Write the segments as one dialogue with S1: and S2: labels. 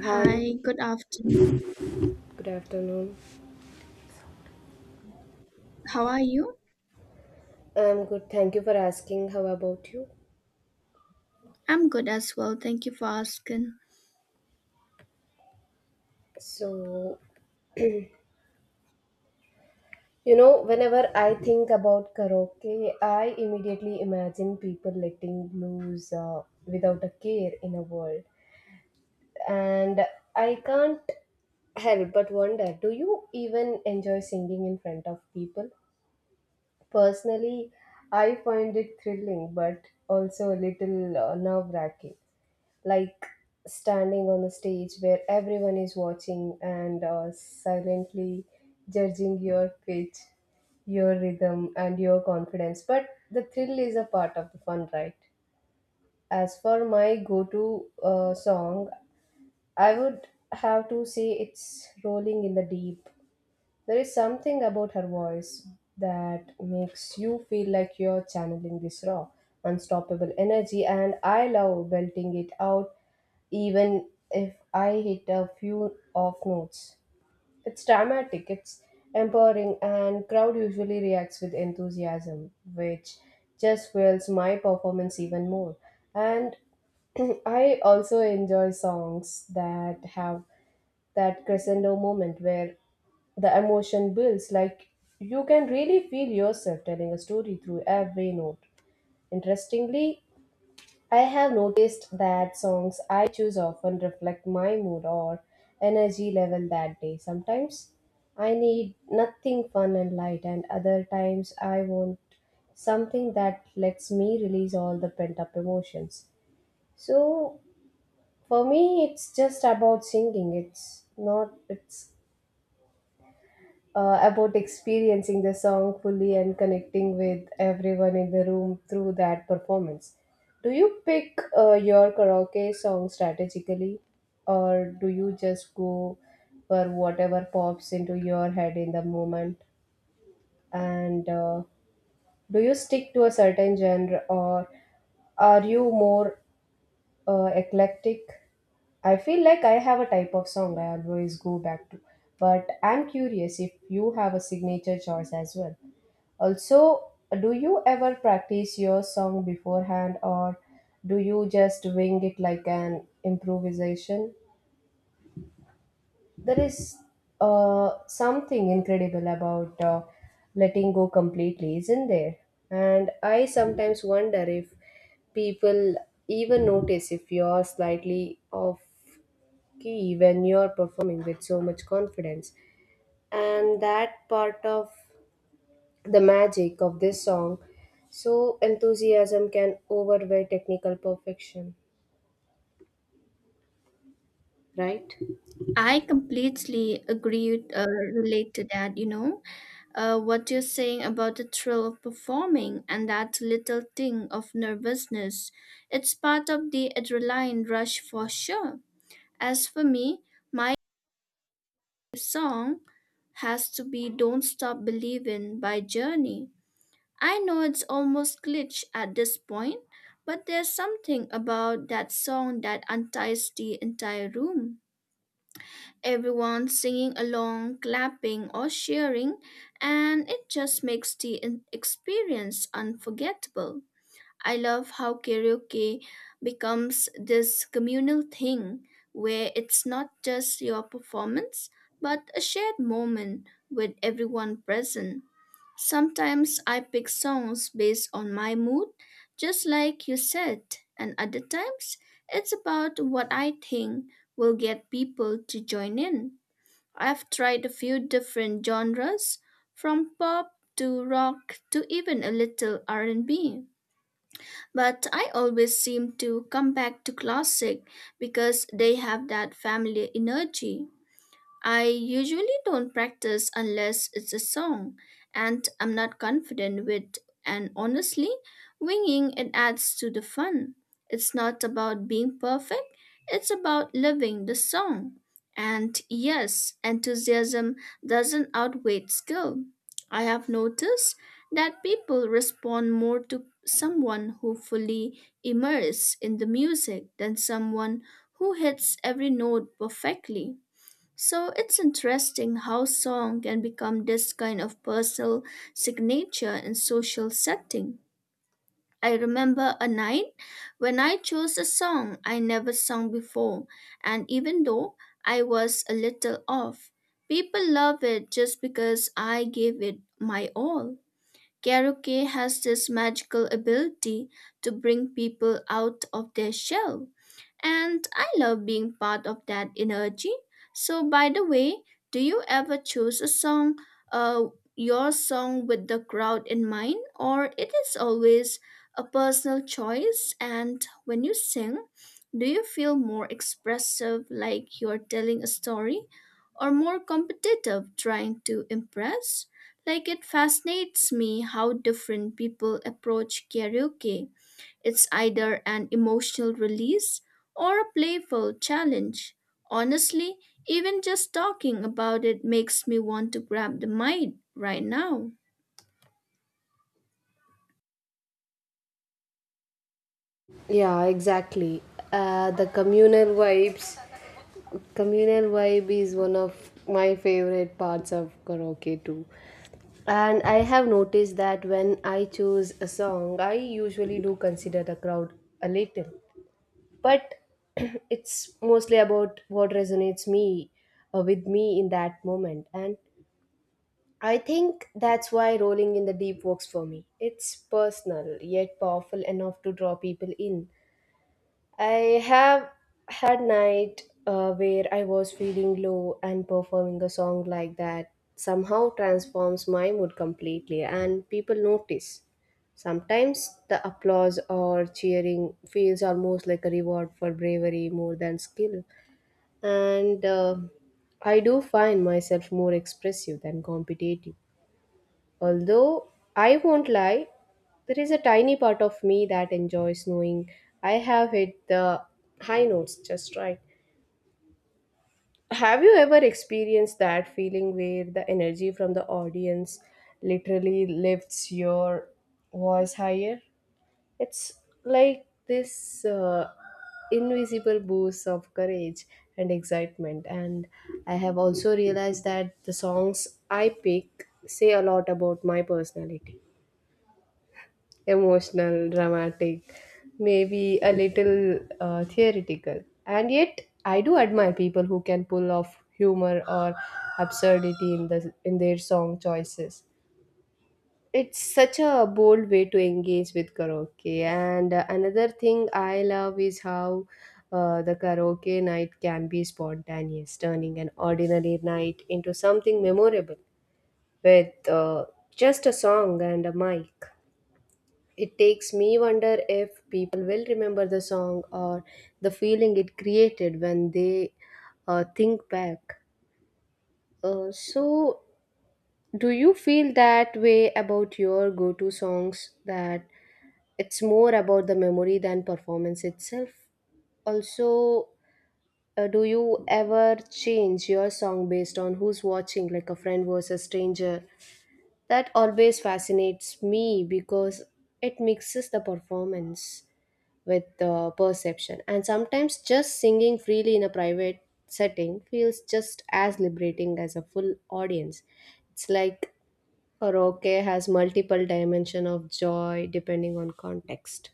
S1: Hi,
S2: Hi, good afternoon.
S1: good afternoon.
S2: How are you?
S1: I'm good. Thank you for asking. How about you?
S2: I'm good as well. Thank you for asking.
S1: So, you know, whenever I think about karaoke, I immediately imagine people letting blues without a care in a world. And I can't help but wonder, do you even enjoy singing in front of people? Personally, I find it thrilling but also a little nerve wracking. Like standing on the stage where everyone is watching and silently judging your pitch, your rhythm, and your confidence. But the thrill is a part of the fun, right? As for my go to song, I would have to say it's Rolling in the Deep. There is something about her voice that makes you feel like you're channeling this raw, unstoppable energy, and I love belting it out even if I hit a few off notes. It's dramatic, it's empowering, and crowd usually reacts with enthusiasm, which just fuels my performance even more. And I also enjoy songs that have that crescendo moment where the emotion builds, like you can really feel yourself telling a story through every note. Interestingly, I have noticed that songs I choose often reflect my mood or energy level that day. Sometimes I need nothing fun and light, and other times I want something that lets me release all the pent up emotions. So for me, it's just about singing. It's not, it's about experiencing the song fully and connecting with everyone in the room through that performance. Do you pick your karaoke song strategically, or do you just go for whatever pops into your head in the moment? And do you stick to a certain genre, or are you more eclectic? I feel like I have a type of song I always go back to, but I'm curious if you have a signature choice as well. Also, do you ever practice your song beforehand or do you just wing it like an improvisation? There is something incredible about letting go completely, isn't there? And I sometimes wonder if people even notice if you're slightly off key when you're performing with so much confidence. And that part of the magic of this song. So, enthusiasm can overweigh technical perfection, right?
S2: I completely agree, relate to that, you know, what you're saying about the thrill of performing and that little thing of nervousness. It's part of the adrenaline rush for sure. As for me, my song has to be Don't Stop Believin' by Journey. I know it's almost glitch at this point, but there's something about that song that unties the entire room. Everyone singing along, clapping, or cheering, and it just makes the experience unforgettable. I love how karaoke becomes this communal thing where it's not just your performance, but a shared moment with everyone present. Sometimes I pick songs based on my mood, just like you said, and other times it's about what I think will get people to join in. I've tried a few different genres, from pop to rock to even a little R&B. But I always seem to come back to classic because they have that family energy. I usually don't practice unless it's a song, and I'm not confident with, and honestly, winging it adds to the fun. It's not about being perfect, it's about living the song. And yes, enthusiasm doesn't outweigh skill. I have noticed that people respond more to someone who fully immerses in the music than someone who hits every note perfectly. So it's interesting how song can become this kind of personal signature in social setting. I remember a night when I chose a song I never sung before, and even though I was a little off, people love it just because I gave it my all. Karaoke has this magical ability to bring people out of their shell. And I love being part of that energy. So, by the way, do you ever choose a song, uh, your song with the crowd in mind, or it is always a personal choice? And when you sing, do you feel more expressive, like you're telling a story, or more competitive, trying to impress? Like it fascinates me how different people approach karaoke, it's either an emotional release or a playful challenge. Honestly, even just talking about it makes me want to grab the mic right now.
S1: Yeah, exactly. The communal vibe is one of my favorite parts of karaoke too. And I have noticed that when I choose a song, I usually do consider the crowd a little, but it's mostly about what resonates me with me in that moment. And I think that's why rolling in the deep works for me. It's personal, yet powerful enough to draw people in. I have had night where I was feeling low and performing a song like that somehow transforms my mood completely and people notice. Sometimes the applause or cheering feels almost like a reward for bravery more than skill. And I do find myself more expressive than competitive. Although I won't lie, there is a tiny part of me that enjoys knowing I have hit the high notes just right. Have you ever experienced that feeling where the energy from the audience literally lifts your voice higher? It's like this invisible boost of courage and excitement. And I have also realized that the songs I pick say a lot about my personality, emotional, dramatic, maybe a little theoretical. And yet, I do admire people who can pull off humor or absurdity in their song choices. It's such a bold way to engage with karaoke. And another thing I love is how the karaoke night can be spontaneous, turning an ordinary night into something memorable with just a song and a mic. It takes me wonder if people will remember the song or the feeling it created when they think back. So, do you feel that way about your go to songs, that it's more about the memory than performance itself? Also, do you ever change your song based on who's watching, like a friend versus stranger? That always fascinates me because it mixes the performance with perception. And sometimes just singing freely in a private setting feels just as liberating as a full audience. It's like karaoke has multiple dimension of joy depending on context.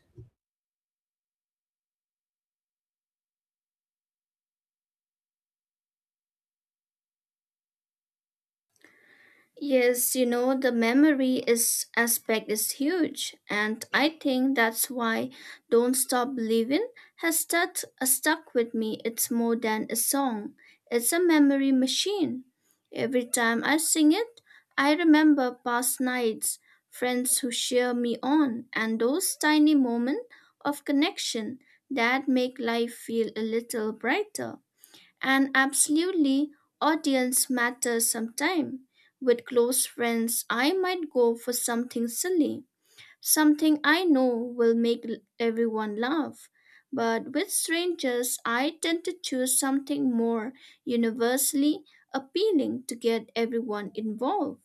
S2: Yes, you know, the memory is aspect is huge, and I think that's why Don't Stop Believin' has stuck with me. It's more than a song. It's a memory machine. Every time I sing it, I remember past nights, friends who cheer me on, and those tiny moments of connection that make life feel a little brighter. And absolutely, audience matters sometime. With close friends, I might go for something silly, something I know will make everyone laugh. But with strangers, I tend to choose something more universally appealing to get everyone involved.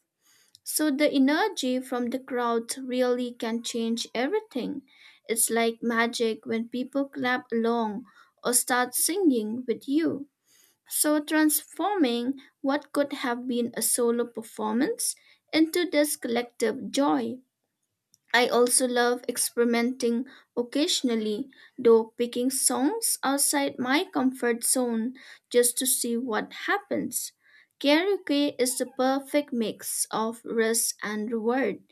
S2: So the energy from the crowd really can change everything. It's like magic when people clap along or start singing with you. So, transforming what could have been a solo performance into this collective joy. I also love experimenting occasionally, though picking songs outside my comfort zone just to see what happens. Karaoke is the perfect mix of risk and reward,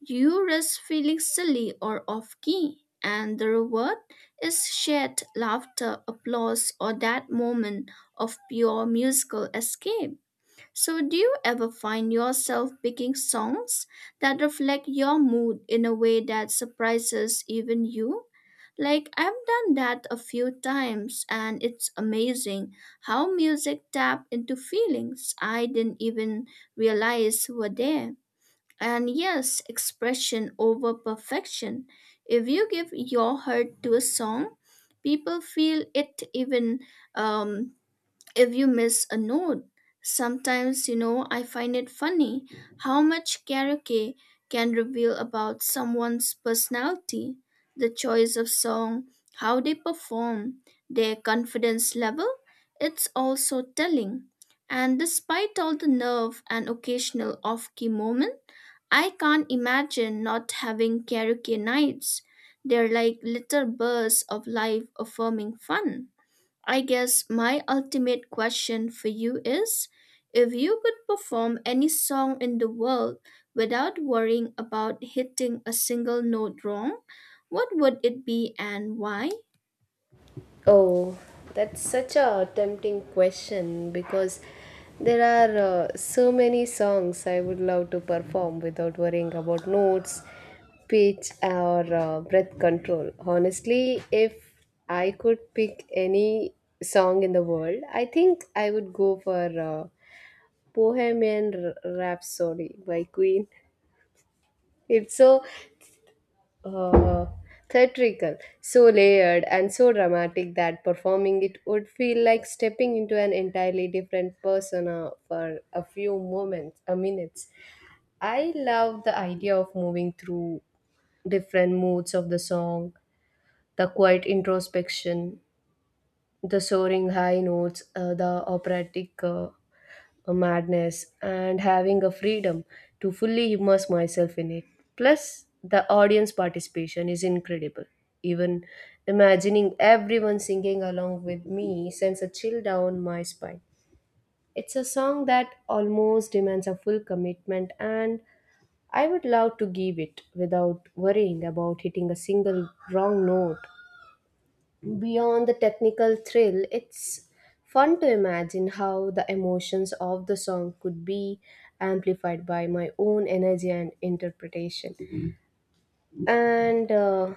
S2: you risk feeling silly or off key, and the reward is shared laughter, applause, or that moment of pure musical escape. So, do you ever find yourself picking songs that reflect your mood in a way that surprises even you? Like, I've done that a few times, and it's amazing how music taps into feelings I didn't even realize were there. And yes, expression over perfection. If you give your heart to a song, people feel it even um, if you miss a note. Sometimes, you know, I find it funny how much karaoke can reveal about someone's personality, the choice of song, how they perform, their confidence level. It's also telling. And despite all the nerve and occasional off key moments, I can't imagine not having karaoke nights. They're like little bursts of life affirming fun. I guess my ultimate question for you is, if you could perform any song in the world without worrying about hitting a single note wrong, what would it be and why?
S1: Oh, that's such a tempting question because there are so many songs I would love to perform without worrying about notes, pitch, or breath control. Honestly, if I could pick any song in the world, I think I would go for Rhapsody by Queen. It's so uh, theatrical, so layered and so dramatic that performing it would feel like stepping into an entirely different persona for a few moments, a minutes. I love the idea of moving through different moods of the song, the quiet introspection, the soaring high notes, the operatic a madness and having a freedom to fully immerse myself in it. Plus, the audience participation is incredible. Even imagining everyone singing along with me sends a chill down my spine. It's a song that almost demands a full commitment, and I would love to give it without worrying about hitting a single wrong note. Beyond the technical thrill, it's fun to imagine how the emotions of the song could be amplified by my own energy and interpretation. And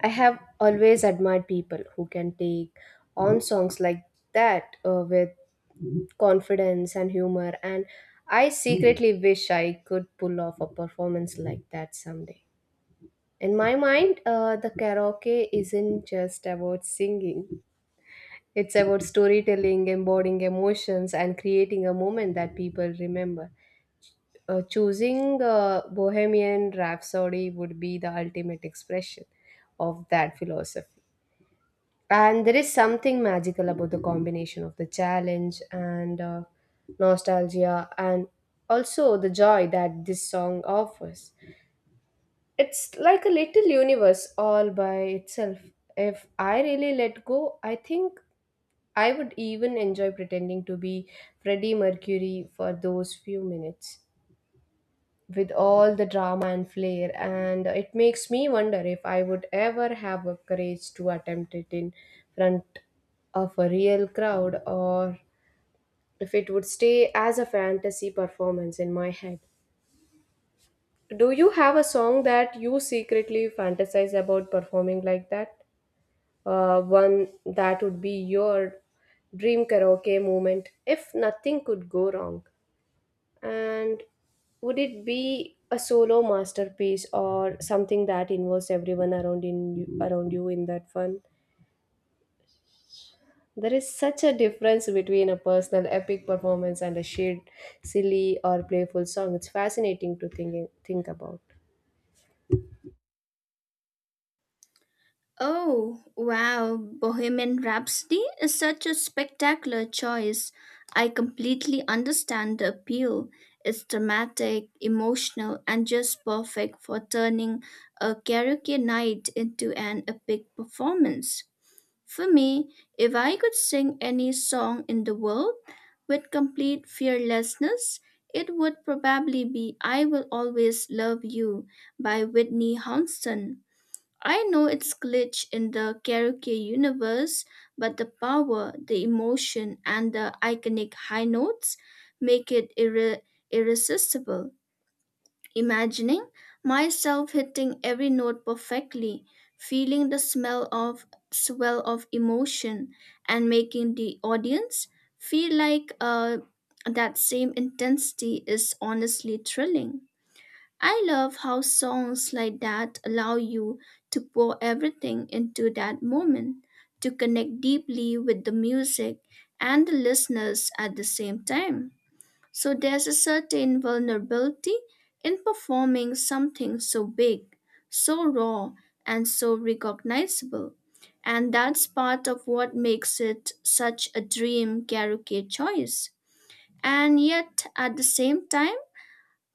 S1: I have always admired people who can take on songs like that with confidence and humor. And I secretly wish I could pull off a performance like that someday. In my mind, the karaoke isn't just about singing. It's about storytelling, embodying emotions, and creating a moment that people remember. Choosing Bohemian Rhapsody would be the ultimate expression of that philosophy. And there is something magical about the combination of the challenge and nostalgia, and also the joy that this song offers. It's like a little universe all by itself. If I really let go, I think I would even enjoy pretending to be Freddie Mercury for those few minutes with all the drama and flair, and it makes me wonder if I would ever have the courage to attempt it in front of a real crowd or if it would stay as a fantasy performance in my head. Do you have a song that you secretly fantasize about performing like that? One that would be your dream karaoke moment if nothing could go wrong? And would it be a solo masterpiece or something that involves everyone around you in that fun? There is such a difference between a personal epic performance and a shared silly or playful song. It's fascinating to think about.
S2: Oh, wow, Bohemian Rhapsody is such a spectacular choice. I completely understand the appeal. It's dramatic, emotional, and just perfect for turning a karaoke night into an epic performance. For me, if I could sing any song in the world with complete fearlessness, it would probably be I Will Always Love You by Whitney Houston. I know it's glitch in the karaoke universe, but the power, the emotion, and the iconic high notes make it irresistible. Imagining myself hitting every note perfectly, feeling the smell of swell of emotion, and making the audience feel like that same intensity is honestly thrilling. I love how songs like that allow you to pour everything into that moment, to connect deeply with the music and the listeners at the same time. So there's a certain vulnerability in performing something so big, so raw, and so recognizable. And that's part of what makes it such a dream karaoke choice. And yet, at the same time,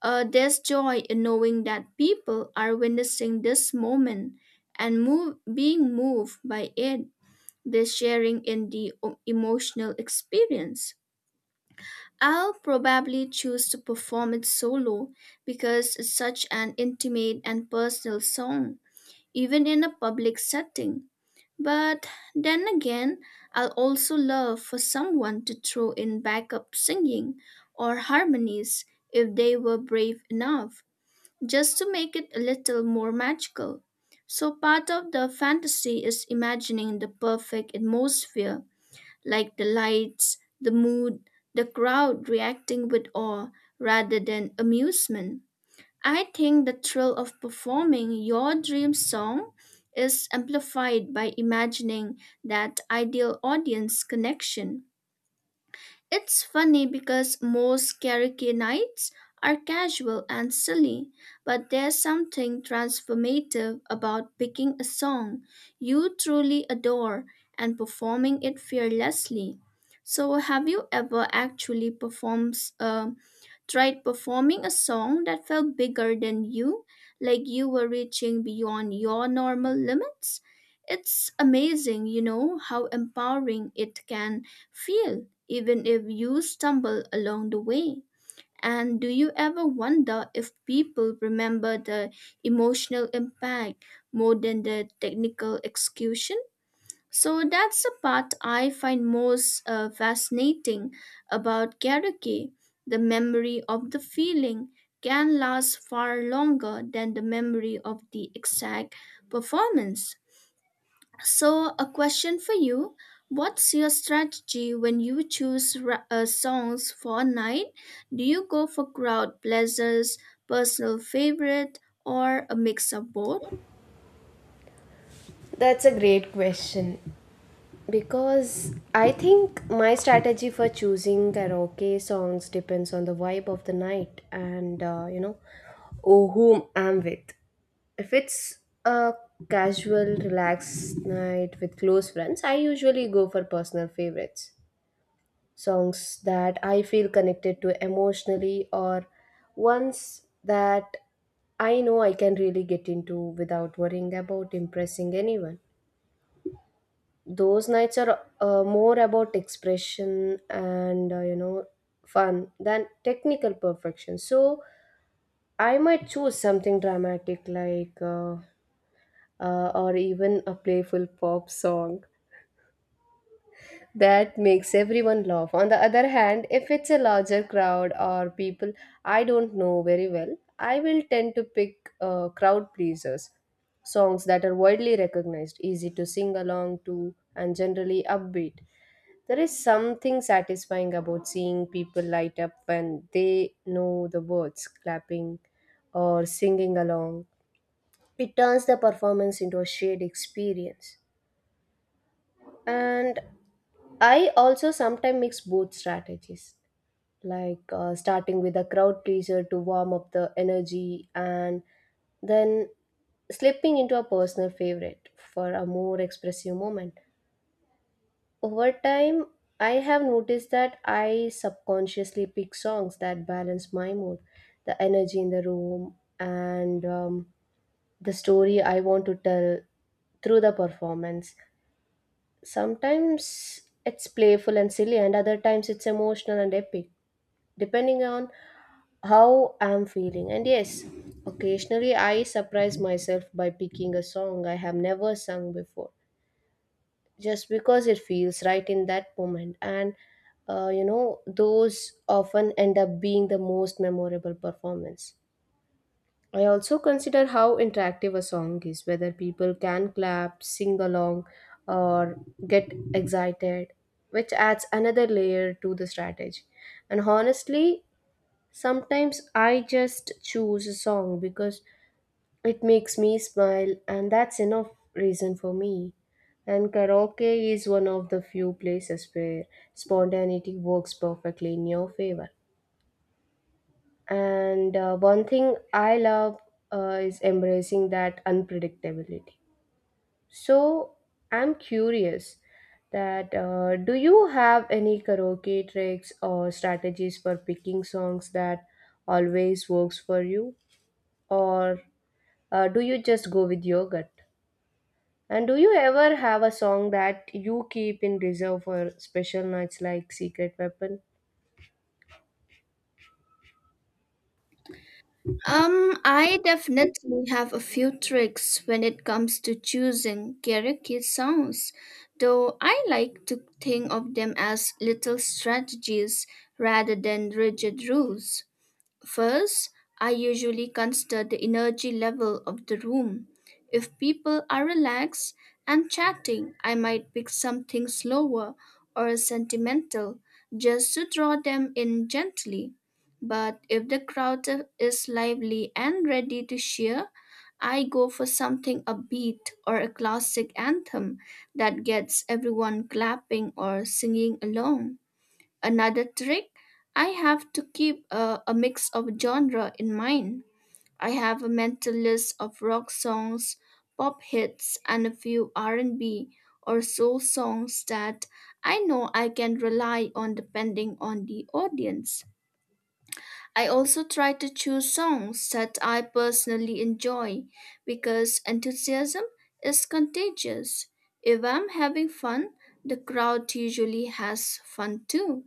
S2: there's joy in knowing that people are witnessing this moment and being moved by it. They're sharing in the emotional experience. I'll probably choose to perform it solo because it's such an intimate and personal song, even in a public setting. But then again, I'll also love for someone to throw in backup singing or harmonies if they were brave enough just to make it a little more magical. So, part of the fantasy is imagining the perfect atmosphere, like the lights, the mood, the crowd reacting with awe rather than amusement. I think the thrill of performing your dream song is amplified by imagining that ideal audience connection. It's funny because most karaoke nights are casual and silly, but there's something transformative about picking a song you truly adore and performing it fearlessly. So, have you ever actually performed a tried performing a song that felt bigger than you, like you were reaching beyond your normal limits? It's amazing, you know, how empowering it can feel, even if you stumble along the way. And do you ever wonder if people remember the emotional impact more than the technical execution? So that's the part I find most fascinating about karaoke. The memory of the feeling can last far longer than the memory of the exact performance. So, a question for you. What's your strategy when you choose songs for a night? Do you go for crowd pleasers, personal favorite, or a mix of both?
S1: That's a great question. Because I think my strategy for choosing karaoke songs depends on the vibe of the night and you know, or whom I'm with. If it's a casual, relaxed night with close friends, I usually go for personal favorites. Songs that I feel connected to emotionally or ones that I know I can really get into without worrying about impressing anyone. Those nights are more about expression and you know, fun than technical perfection. So I might choose something dramatic like or even a playful pop song that makes everyone laugh. On the other hand, if it's a larger crowd or people I don't know very well, I will tend to pick crowd pleasers, songs that are widely recognized, easy to sing along to, and generally upbeat. There is something satisfying about seeing people light up when they know the words, clapping or singing along. It turns the performance into a shared experience. And I also sometimes mix both strategies, like starting with a crowd pleaser to warm up the energy and then slipping into a personal favorite for a more expressive moment. Over time, I have noticed that I subconsciously pick songs that balance my mood, the energy in the room, and the story I want to tell through the performance. Sometimes it's playful and silly and other times it's emotional and epic depending on how I'm feeling. And yes, occasionally I surprise myself by picking a song I have never sung before just because it feels right in that moment. And you know, those often end up being the most memorable performance. I also consider how interactive a song is, whether people can clap, sing along, or get excited, which adds another layer to the strategy. And honestly, sometimes I just choose a song because it makes me smile, and that's enough reason for me. And karaoke is one of the few places where spontaneity works perfectly in your favor. And one thing I love is embracing that unpredictability. So I'm curious, that do you have any karaoke tricks or strategies for picking songs that always works for you, or do you just go with your gut? And do you ever have a song that you keep in reserve for special nights like Secret Weapon?
S2: I definitely have a few tricks when it comes to choosing karaoke songs, though I like to think of them as little strategies rather than rigid rules. First, I usually consider the energy level of the room. If people are relaxed and chatting, I might pick something slower or sentimental just to draw them in gently. But if the crowd is lively and ready to cheer, I go for something upbeat or a classic anthem that gets everyone clapping or singing along. Another trick, I have to keep a mix of genre in mind. I have a mental list of rock songs, pop hits, and a few R&B or soul songs that I know I can rely on depending on the audience. I also try to choose songs that I personally enjoy because enthusiasm is contagious. If I'm having fun, the crowd usually has fun too.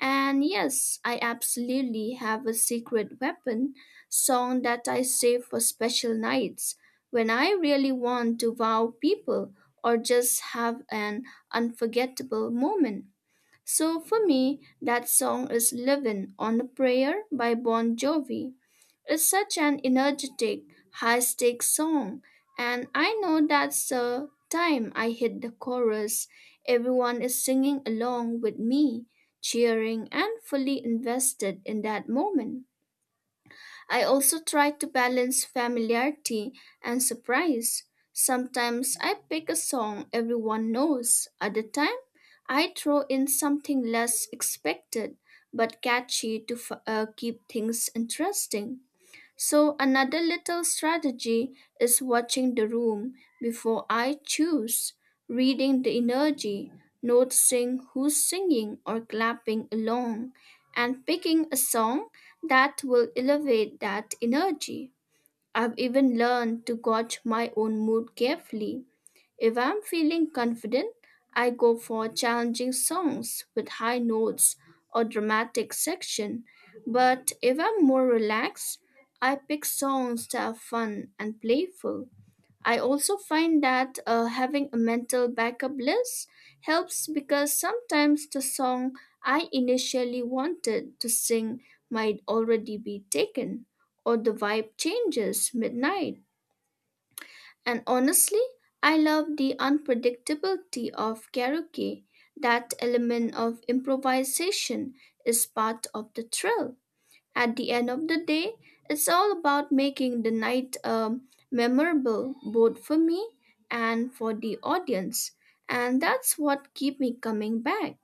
S2: And yes, I absolutely have a secret weapon song that I save for special nights when I really want to wow people or just have an unforgettable moment. So for me, that song is Livin' on a Prayer by Bon Jovi. It's such an energetic, high stakes song, and I know that's the time I hit the chorus. Everyone is singing along with me, cheering and fully invested in that moment. I also try to balance familiarity and surprise. Sometimes I pick a song everyone knows, other time I throw in something less expected but catchy to keep things interesting. So, another little strategy is watching the room before I choose, reading the energy, noticing who's singing or clapping along, and picking a song that will elevate that energy. I've even learned to gauge my own mood carefully, if I'm feeling confident, I go for challenging songs with high notes or dramatic section. But if I'm more relaxed, I pick songs that are fun and playful. I also find that having a mental backup list helps because sometimes the song I initially wanted to sing might already be taken or the vibe changes midnight. And honestly, I love the unpredictability of karaoke. That element of improvisation is part of the thrill. At the end of the day, it's all about making the night memorable both for me and for the audience. And that's what keep me coming back.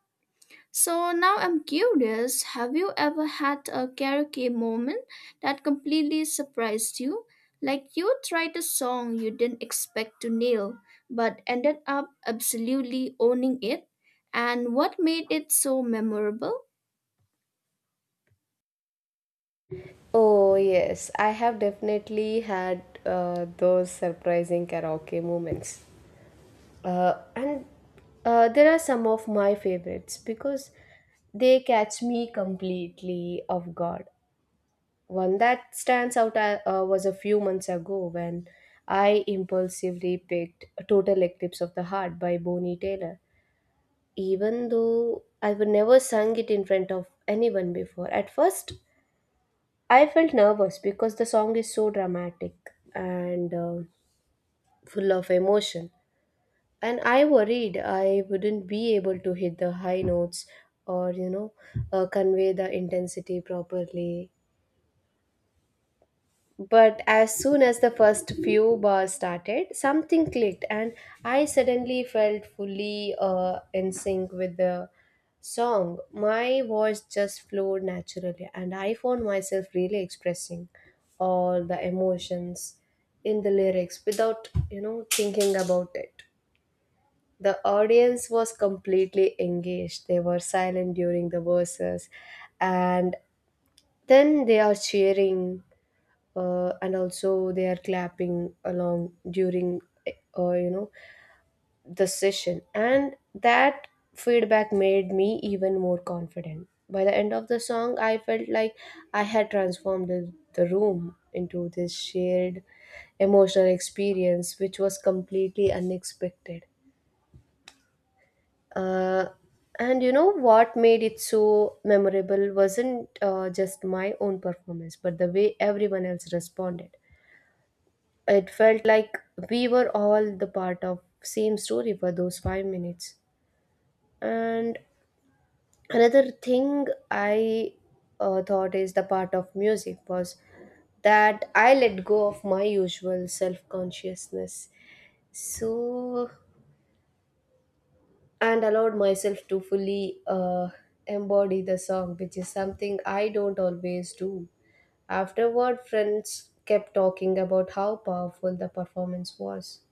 S2: So now I'm curious, have you ever had a karaoke moment that completely surprised you? Like you tried a song you didn't expect to nail, but ended up absolutely owning it? And what made it so memorable?
S1: Oh, yes, I have definitely had those surprising karaoke moments. And There are some of my favorites because they catch me completely off guard. One that stands out was a few months ago when I impulsively picked Total Eclipse of the Heart by Bonnie Taylor. Even though I would never sung it in front of anyone before, at first I felt nervous because the song is so dramatic and full of emotion. And I worried I wouldn't be able to hit the high notes or, you know, convey the intensity properly. But as soon as the first few bars started, something clicked, and I suddenly felt fully in sync with the song. My voice just flowed naturally, and I found myself really expressing all the emotions in the lyrics without, you know, thinking about it. The audience was completely engaged. They were silent during the verses, and then they are cheering and also they are clapping along during, you know, the session. And that feedback made me even more confident. By the end of the song I felt like I had transformed the room into this shared emotional experience, which was completely unexpected. uh, and you know what made it so memorable wasn't just my own performance but the way everyone else responded. It felt like we were all the part of same story for those 5 minutes. And another thing I thought is the part of music was that I let go of my usual self consciousness. So, and allowed myself to fully embody the song, which is something I don't always do. Afterward, friends kept talking about how powerful the performance was.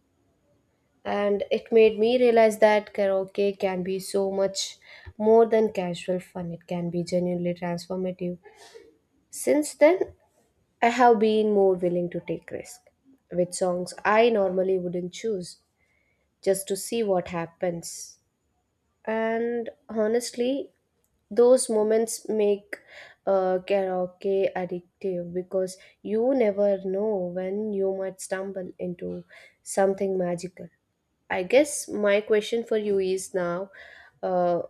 S1: And it made me realize that karaoke can be so much more than casual fun. It can be genuinely transformative. Since then I have been more willing to take risk with songs I normally wouldn't choose, just to see what happens. And honestly, those moments make karaoke addictive because you never know when you might stumble into something magical. I guess my question for you is now, uh,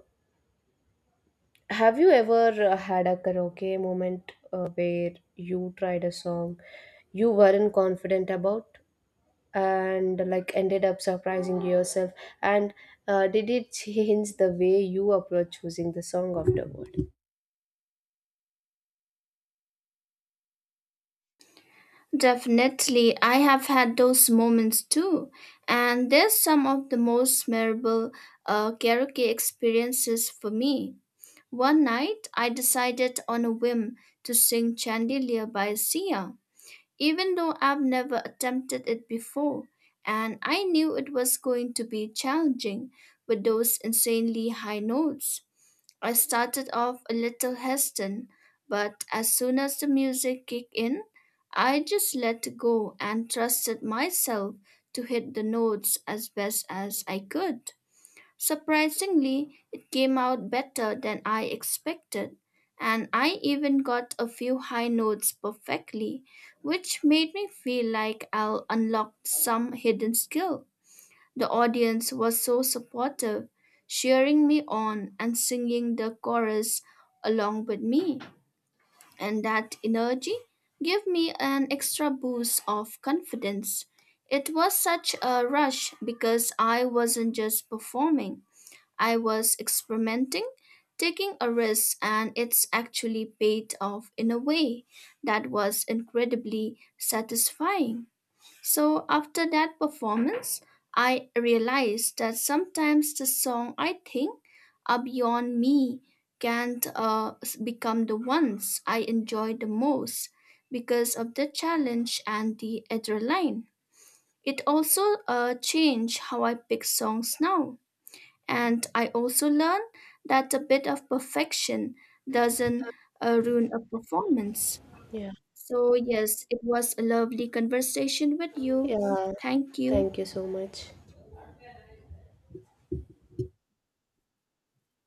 S1: have you ever had a karaoke moment where you tried a song you weren't confident about and like ended up surprising yourself? And did it change the way you approach choosing the song afterward?
S2: Definitely, I have had those moments too. And there's some of the most memorable karaoke experiences for me. One night, I decided on a whim to sing Chandelier by Sia, even though I've never attempted it before, and I knew it was going to be challenging with those insanely high notes. I started off a little hesitant, but as soon as the music kicked in, I just let go and trusted myself to hit the notes as best as I could. Surprisingly, it came out better than I expected, and I even got a few high notes perfectly, which made me feel like I'll unlock some hidden skill. The audience was so supportive, cheering me on and singing the chorus along with me, and that energy gave me an extra boost of confidence. It was such a rush because I wasn't just performing. I was experimenting, taking a risk, and it's actually paid off in a way that was incredibly satisfying. So, after that performance, I realized that sometimes the song I think are beyond me can't become the ones I enjoy the most because of the challenge and the adrenaline. It also changed how I pick songs now. And I also learned that a bit of perfection doesn't ruin a performance.
S1: Yeah.
S2: So, yes, it was a lovely conversation with you.
S1: Yeah,
S2: Thank you.
S1: thank you so much.